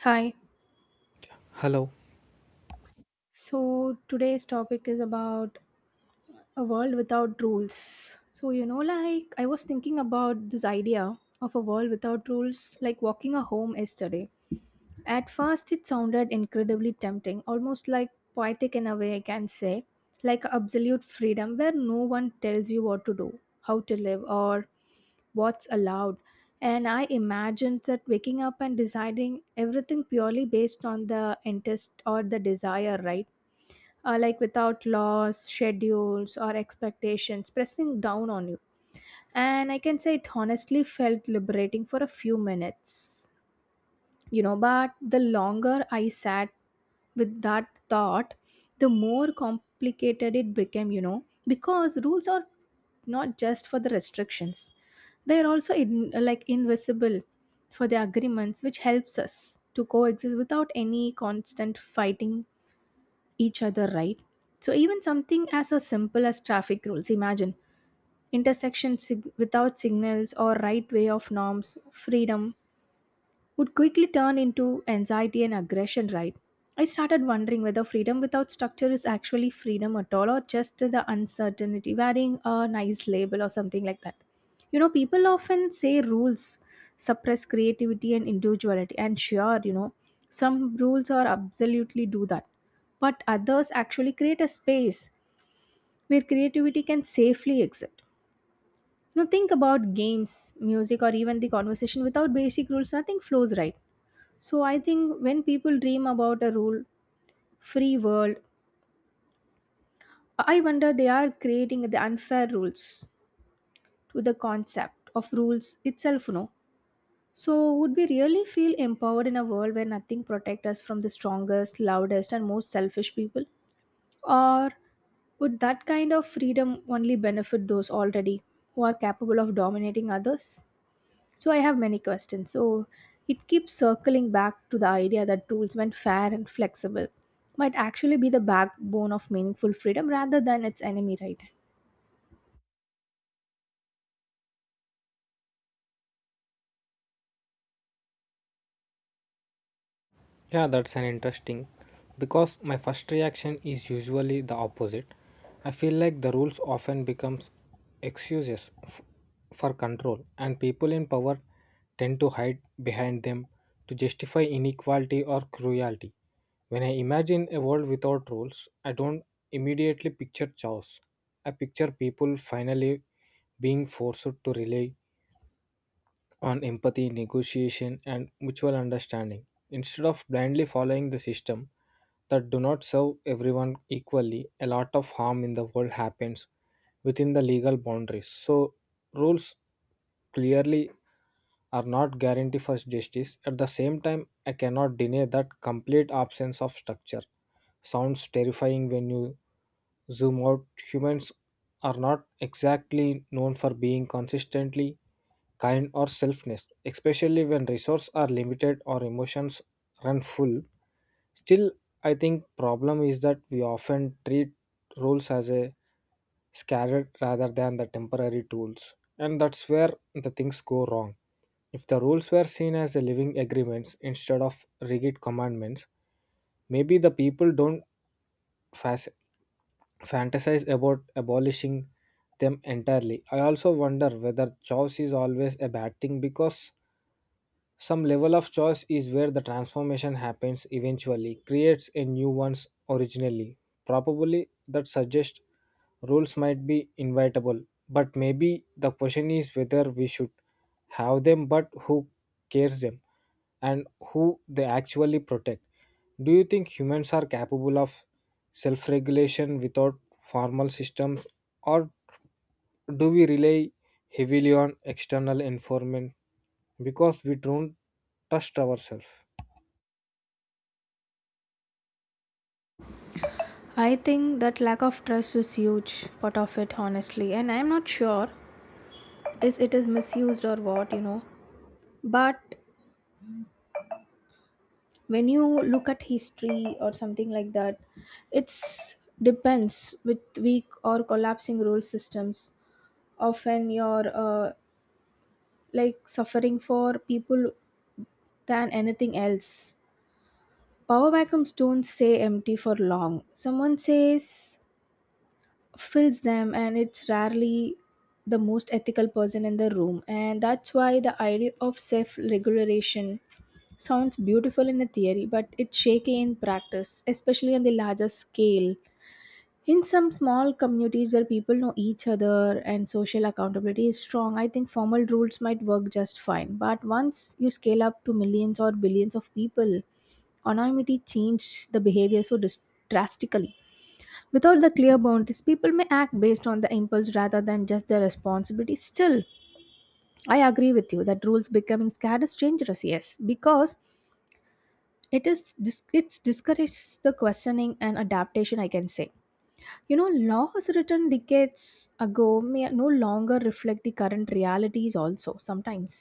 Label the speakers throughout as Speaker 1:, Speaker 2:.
Speaker 1: Hi.
Speaker 2: Hello.
Speaker 1: So today's topic is about a world without rules. So, like I was thinking about this idea of a world without rules, like walking a home yesterday. At first, it sounded incredibly tempting, almost like poetic in a way, I can say, like absolute freedom where no one tells you what to do, how to live, or what's allowed. And I imagined that waking up and deciding everything purely based on the interest or the desire, right? Like without laws, schedules, or expectations pressing down on you. And I can say it honestly felt liberating for a few minutes, But the longer I sat with that thought, the more complicated it became, you know, because rules are not just for the restrictions, they are also in, like invisible for the agreements, which helps us to coexist without any constant fighting each other, right? So, even something as a simple as traffic rules imagine intersections without signals or right way of norms, freedom would quickly turn into anxiety and aggression, right? I started wondering whether freedom without structure is actually freedom at all or just the uncertainty, wearing a nice label or something like that. You know, people often say rules suppress creativity and individuality, and sure, you know, some rules are absolutely do that, but others actually create a space where creativity can safely exist. You know, think about games, music, or even the conversation without basic rules, nothing flows right. So I think when people dream about a rule free world, I wonder they are creating the unfair rules to the concept of rules itself, no? So would we really feel empowered in a world where nothing protects us from the strongest, loudest and most selfish people? Or would that kind of freedom only benefit those already who are capable of dominating others? So I have many questions. So it keeps circling back to the idea that rules, when fair and flexible, might actually be the backbone of meaningful freedom rather than its enemy, right?
Speaker 2: Yeah, that's an interesting because my first reaction is usually the opposite. I feel like the rules often becomes excuses f- for control and people in power tend to hide behind them to justify inequality or cruelty. When I imagine a world without rules, I don't immediately picture chaos. I picture people finally being forced to rely on empathy, negotiation, and mutual understanding. Instead of blindly following the system that do not serve everyone equally, a lot of harm in the world happens within the legal boundaries. So rules clearly are not guarantee for justice. At the same time, I cannot deny that complete absence of structure sounds terrifying when you zoom out. Humans are not exactly known for being consistently kind or selfless, especially when resources are limited or emotions run full. Still, I think problem is that we often treat rules as a scared rather than the temporary tools, and that's where the things go wrong. If the rules were seen as a living agreements instead of rigid commandments, maybe the people don't fas- fantasize about abolishing them entirely. I also wonder whether choice is always a bad thing because some level of choice is where the transformation happens eventually, creates a new one's originally. Probably that suggests rules might be inevitable, but maybe the question is whether we should have them, but who cares them and who they actually protect. Do you think humans are capable of self regulation without formal systems, or do we rely heavily on external environment because we don't trust ourselves?
Speaker 1: I think that lack of trust is huge part of it, honestly, and I'm not sure is it is misused or what, you know. But when you look at history or something like that, it's depends with weak or collapsing rule systems. Often you're like suffering for people than anything else. Power vacuums don't stay empty for long. Someone says fills them, and it's rarely the most ethical person in the room. And that's why the idea of self regulation sounds beautiful in the theory, but it's shaky in practice, especially on the larger scale. In some small communities where people know each other and social accountability is strong, I think formal rules might work just fine. But once you scale up to millions or billions of people, anonymity changed the behavior so drastically. Without the clear boundaries, people may act based on the impulse rather than just their responsibility. Still, I agree with you that rules becoming scared is dangerous, yes, because it is it's discourages the questioning and adaptation. I can say, you know, laws written decades ago may no longer reflect the current realities. Also, sometimes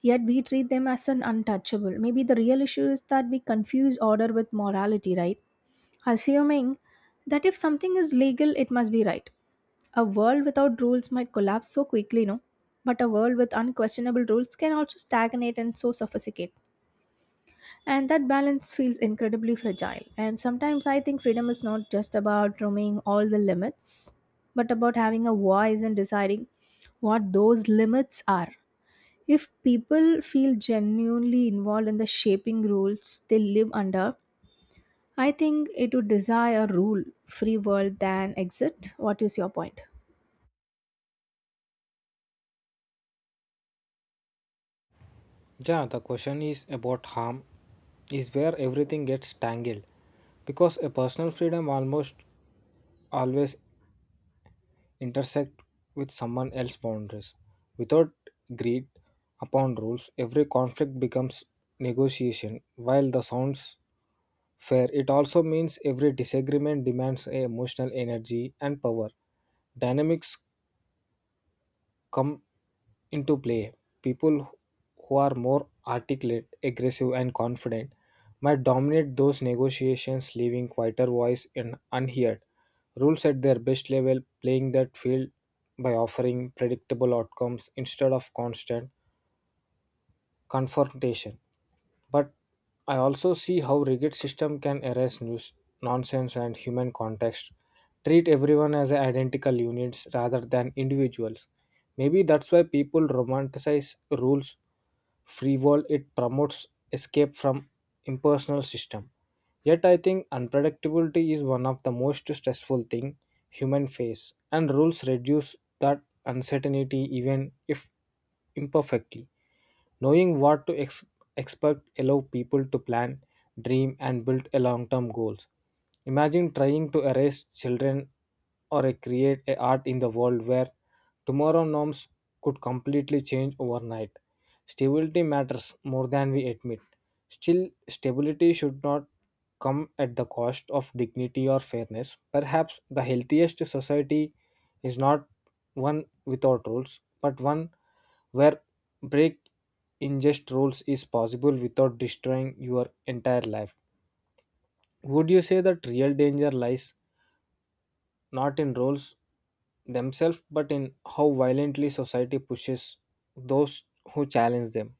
Speaker 1: yet we treat them as an untouchable maybe the real issue is that we confuse order with morality, right? Assuming that if something is legal, it must be right. A world without rules might collapse so quickly, no? But a world with unquestionable rules can also stagnate and so suffocate. And that balance feels incredibly fragile. And sometimes I think freedom is not just about roaming all the limits, but about having a voice and deciding what those limits are. If people feel genuinely involved in the shaping rules they live under, I think it would desire rule, free world than exit. What is your point?
Speaker 2: Yeah, the question is about harm is where everything gets tangled because a personal freedom almost always intersect with someone else's boundaries. Without agreed upon rules, every conflict becomes negotiation. While the sounds fair, it also means every disagreement demands a emotional energy and power. Dynamics come into play. People who are more articulate, aggressive, and confident might dominate those negotiations, leaving quieter voice in unheard. Rules at their best level, playing that field by offering predictable outcomes instead of constant confrontation. But I also see how rigid system can erase news, nonsense and human context. Treat everyone as identical units rather than individuals. Maybe that's why people romanticize rules free world it promotes escape from impersonal system. Yet I think unpredictability is one of the most stressful thing human face and rules reduce that uncertainty even if imperfectly knowing what to experts allow people to plan, dream, and build a long-term goals. Imagine trying to erase children or a create a art in the world where tomorrow norms could completely change overnight. Stability matters more than we admit. Still, stability should not come at the cost of dignity or fairness. Perhaps the healthiest society is not one without rules, but one where break ingest rules is possible without destroying your entire life. Would you say that real danger lies not in rules themselves but in how violently society pushes those who challenge them?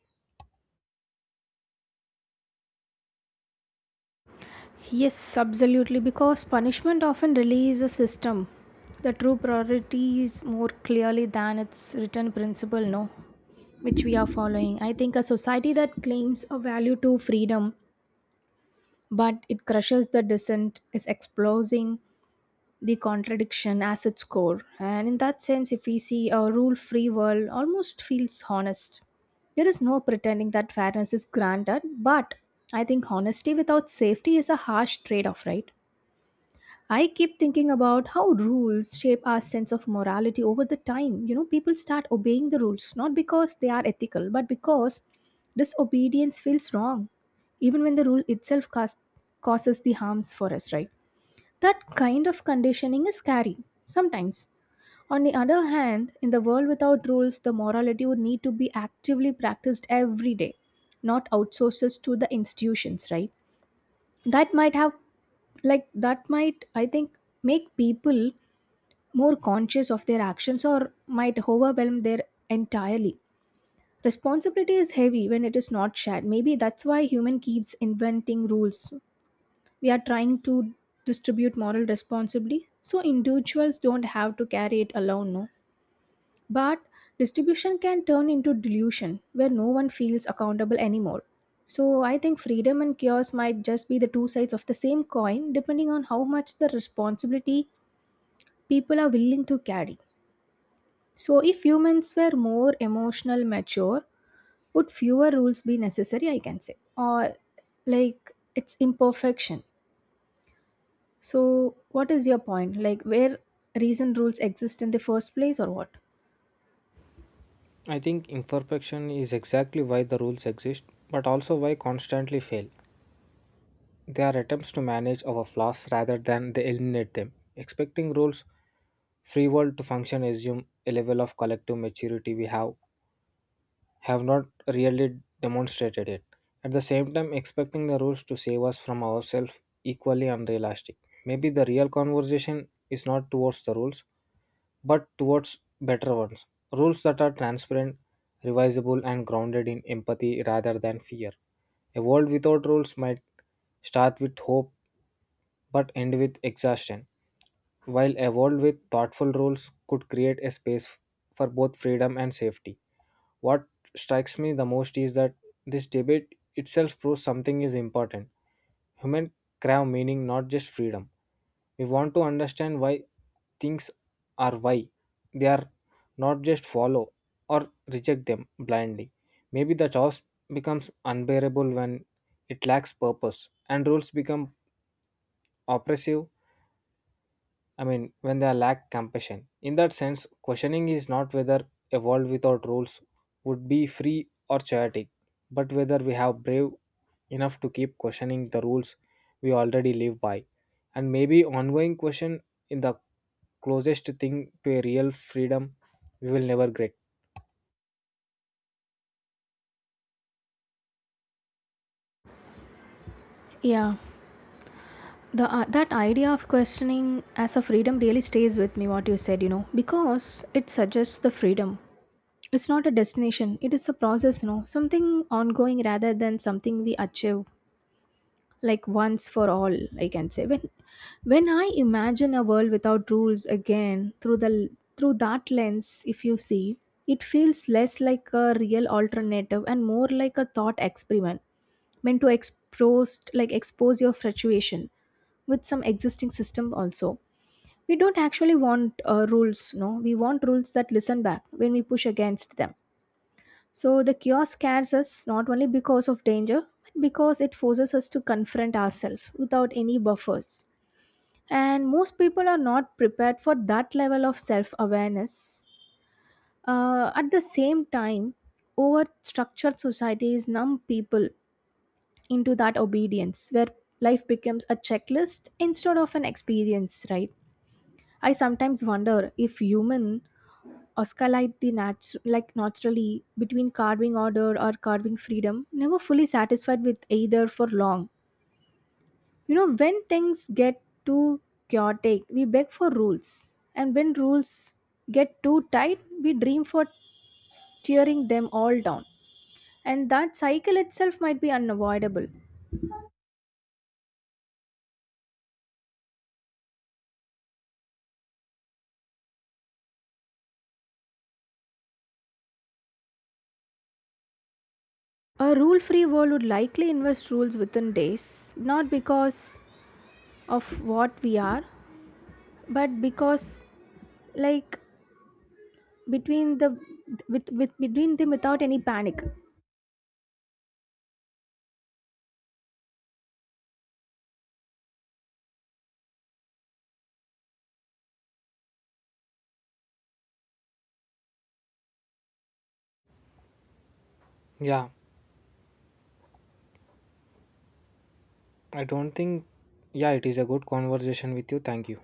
Speaker 1: Yes, absolutely, because punishment often relieves a system. The true priorities more clearly than its written principle, no, which we are following. I think a society that claims a value to freedom but it crushes the dissent is exposing the contradiction as its core. And in that sense, if we see a rule free world, almost feels honest. There is no pretending that fairness is granted, but I think honesty without safety is a harsh trade off, right? I keep thinking about how rules shape our sense of morality over the time. You know, people start obeying the rules not because they are ethical, but because disobedience feels wrong, even when the rule itself causes the harms for us, right? That kind of conditioning is scary, sometimes. On the other hand, in the world without rules, the morality would need to be actively practiced every day, not outsourced to the institutions, right? That might have, that might, I think, make people more conscious of their actions or might overwhelm their entirely. Responsibility is heavy when it is not shared. Maybe that's why human keeps inventing rules we are trying to distribute moral responsibly so individuals don't have to carry it alone, no? But distribution can turn into delusion where no one feels accountable anymore. So I think freedom and chaos might just be the two sides of the same coin depending on how much the responsibility people are willing to carry. So if humans were more emotional mature would fewer rules be necessary, I can say, or like it's imperfection. So, what is your point? Like, where reason rules exist in the first place, or what?
Speaker 2: I think imperfection is exactly why the rules exist, but also why constantly fail. They are attempts to manage our flaws rather than they eliminate them. Expecting rules free world to function assume a level of collective maturity we have not really demonstrated it. At the same time, expecting the rules to save us from ourselves equally unrealistic. Maybe the real conversation is not towards the rules, but towards better ones. Rules that are transparent, revisable, and grounded in empathy rather than fear. A world without rules might start with hope but end with exhaustion, while a world with thoughtful rules could create a space for both freedom and safety. What strikes me the most is that this debate itself proves something is important. Human crave meaning, not just freedom. We want to understand why things are why they are, not just follow or reject them blindly. Maybe the chaos becomes unbearable when it lacks purpose and rules become oppressive, I mean, when they lack compassion. In that sense, questioning is not whether a world without rules would be free or chaotic, but whether we have brave enough to keep questioning the rules we already live by. And maybe ongoing question in the closest thing to a real freedom we will never get.
Speaker 1: Yeah, the that idea of questioning as a freedom really stays with me. What you said, you know, because it suggests the freedom. It's not a destination; it is a process, you know, something ongoing rather than something we achieve like once for all. I can say when I imagine a world without rules again through the through that lens if you see it feels less like a real alternative and more like a thought experiment meant to expose your fluctuation with some existing system also we don't actually want rules, no, we want rules that listen back when we push against them. So the cure scares us not only because of danger, but because it forces us to confront ourselves without any buffers. And most people are not prepared for that level of self awareness. At the same time, over structured societies numb people into that obedience where life becomes a checklist instead of an experience, right? I sometimes wonder if human Oscarlite the like naturally between carving order or carving freedom, never fully satisfied with either for long. You know, when things get too chaotic, we beg for rules. And when rules get too tight, we dream for tearing them all down. And that cycle itself might be unavoidable. A rule free world would likely invest rules within days, not because of what we are, but because, like, between the with between them without any panic
Speaker 2: Yeah, I don't think. Yeah, it is a good conversation with you. Thank you.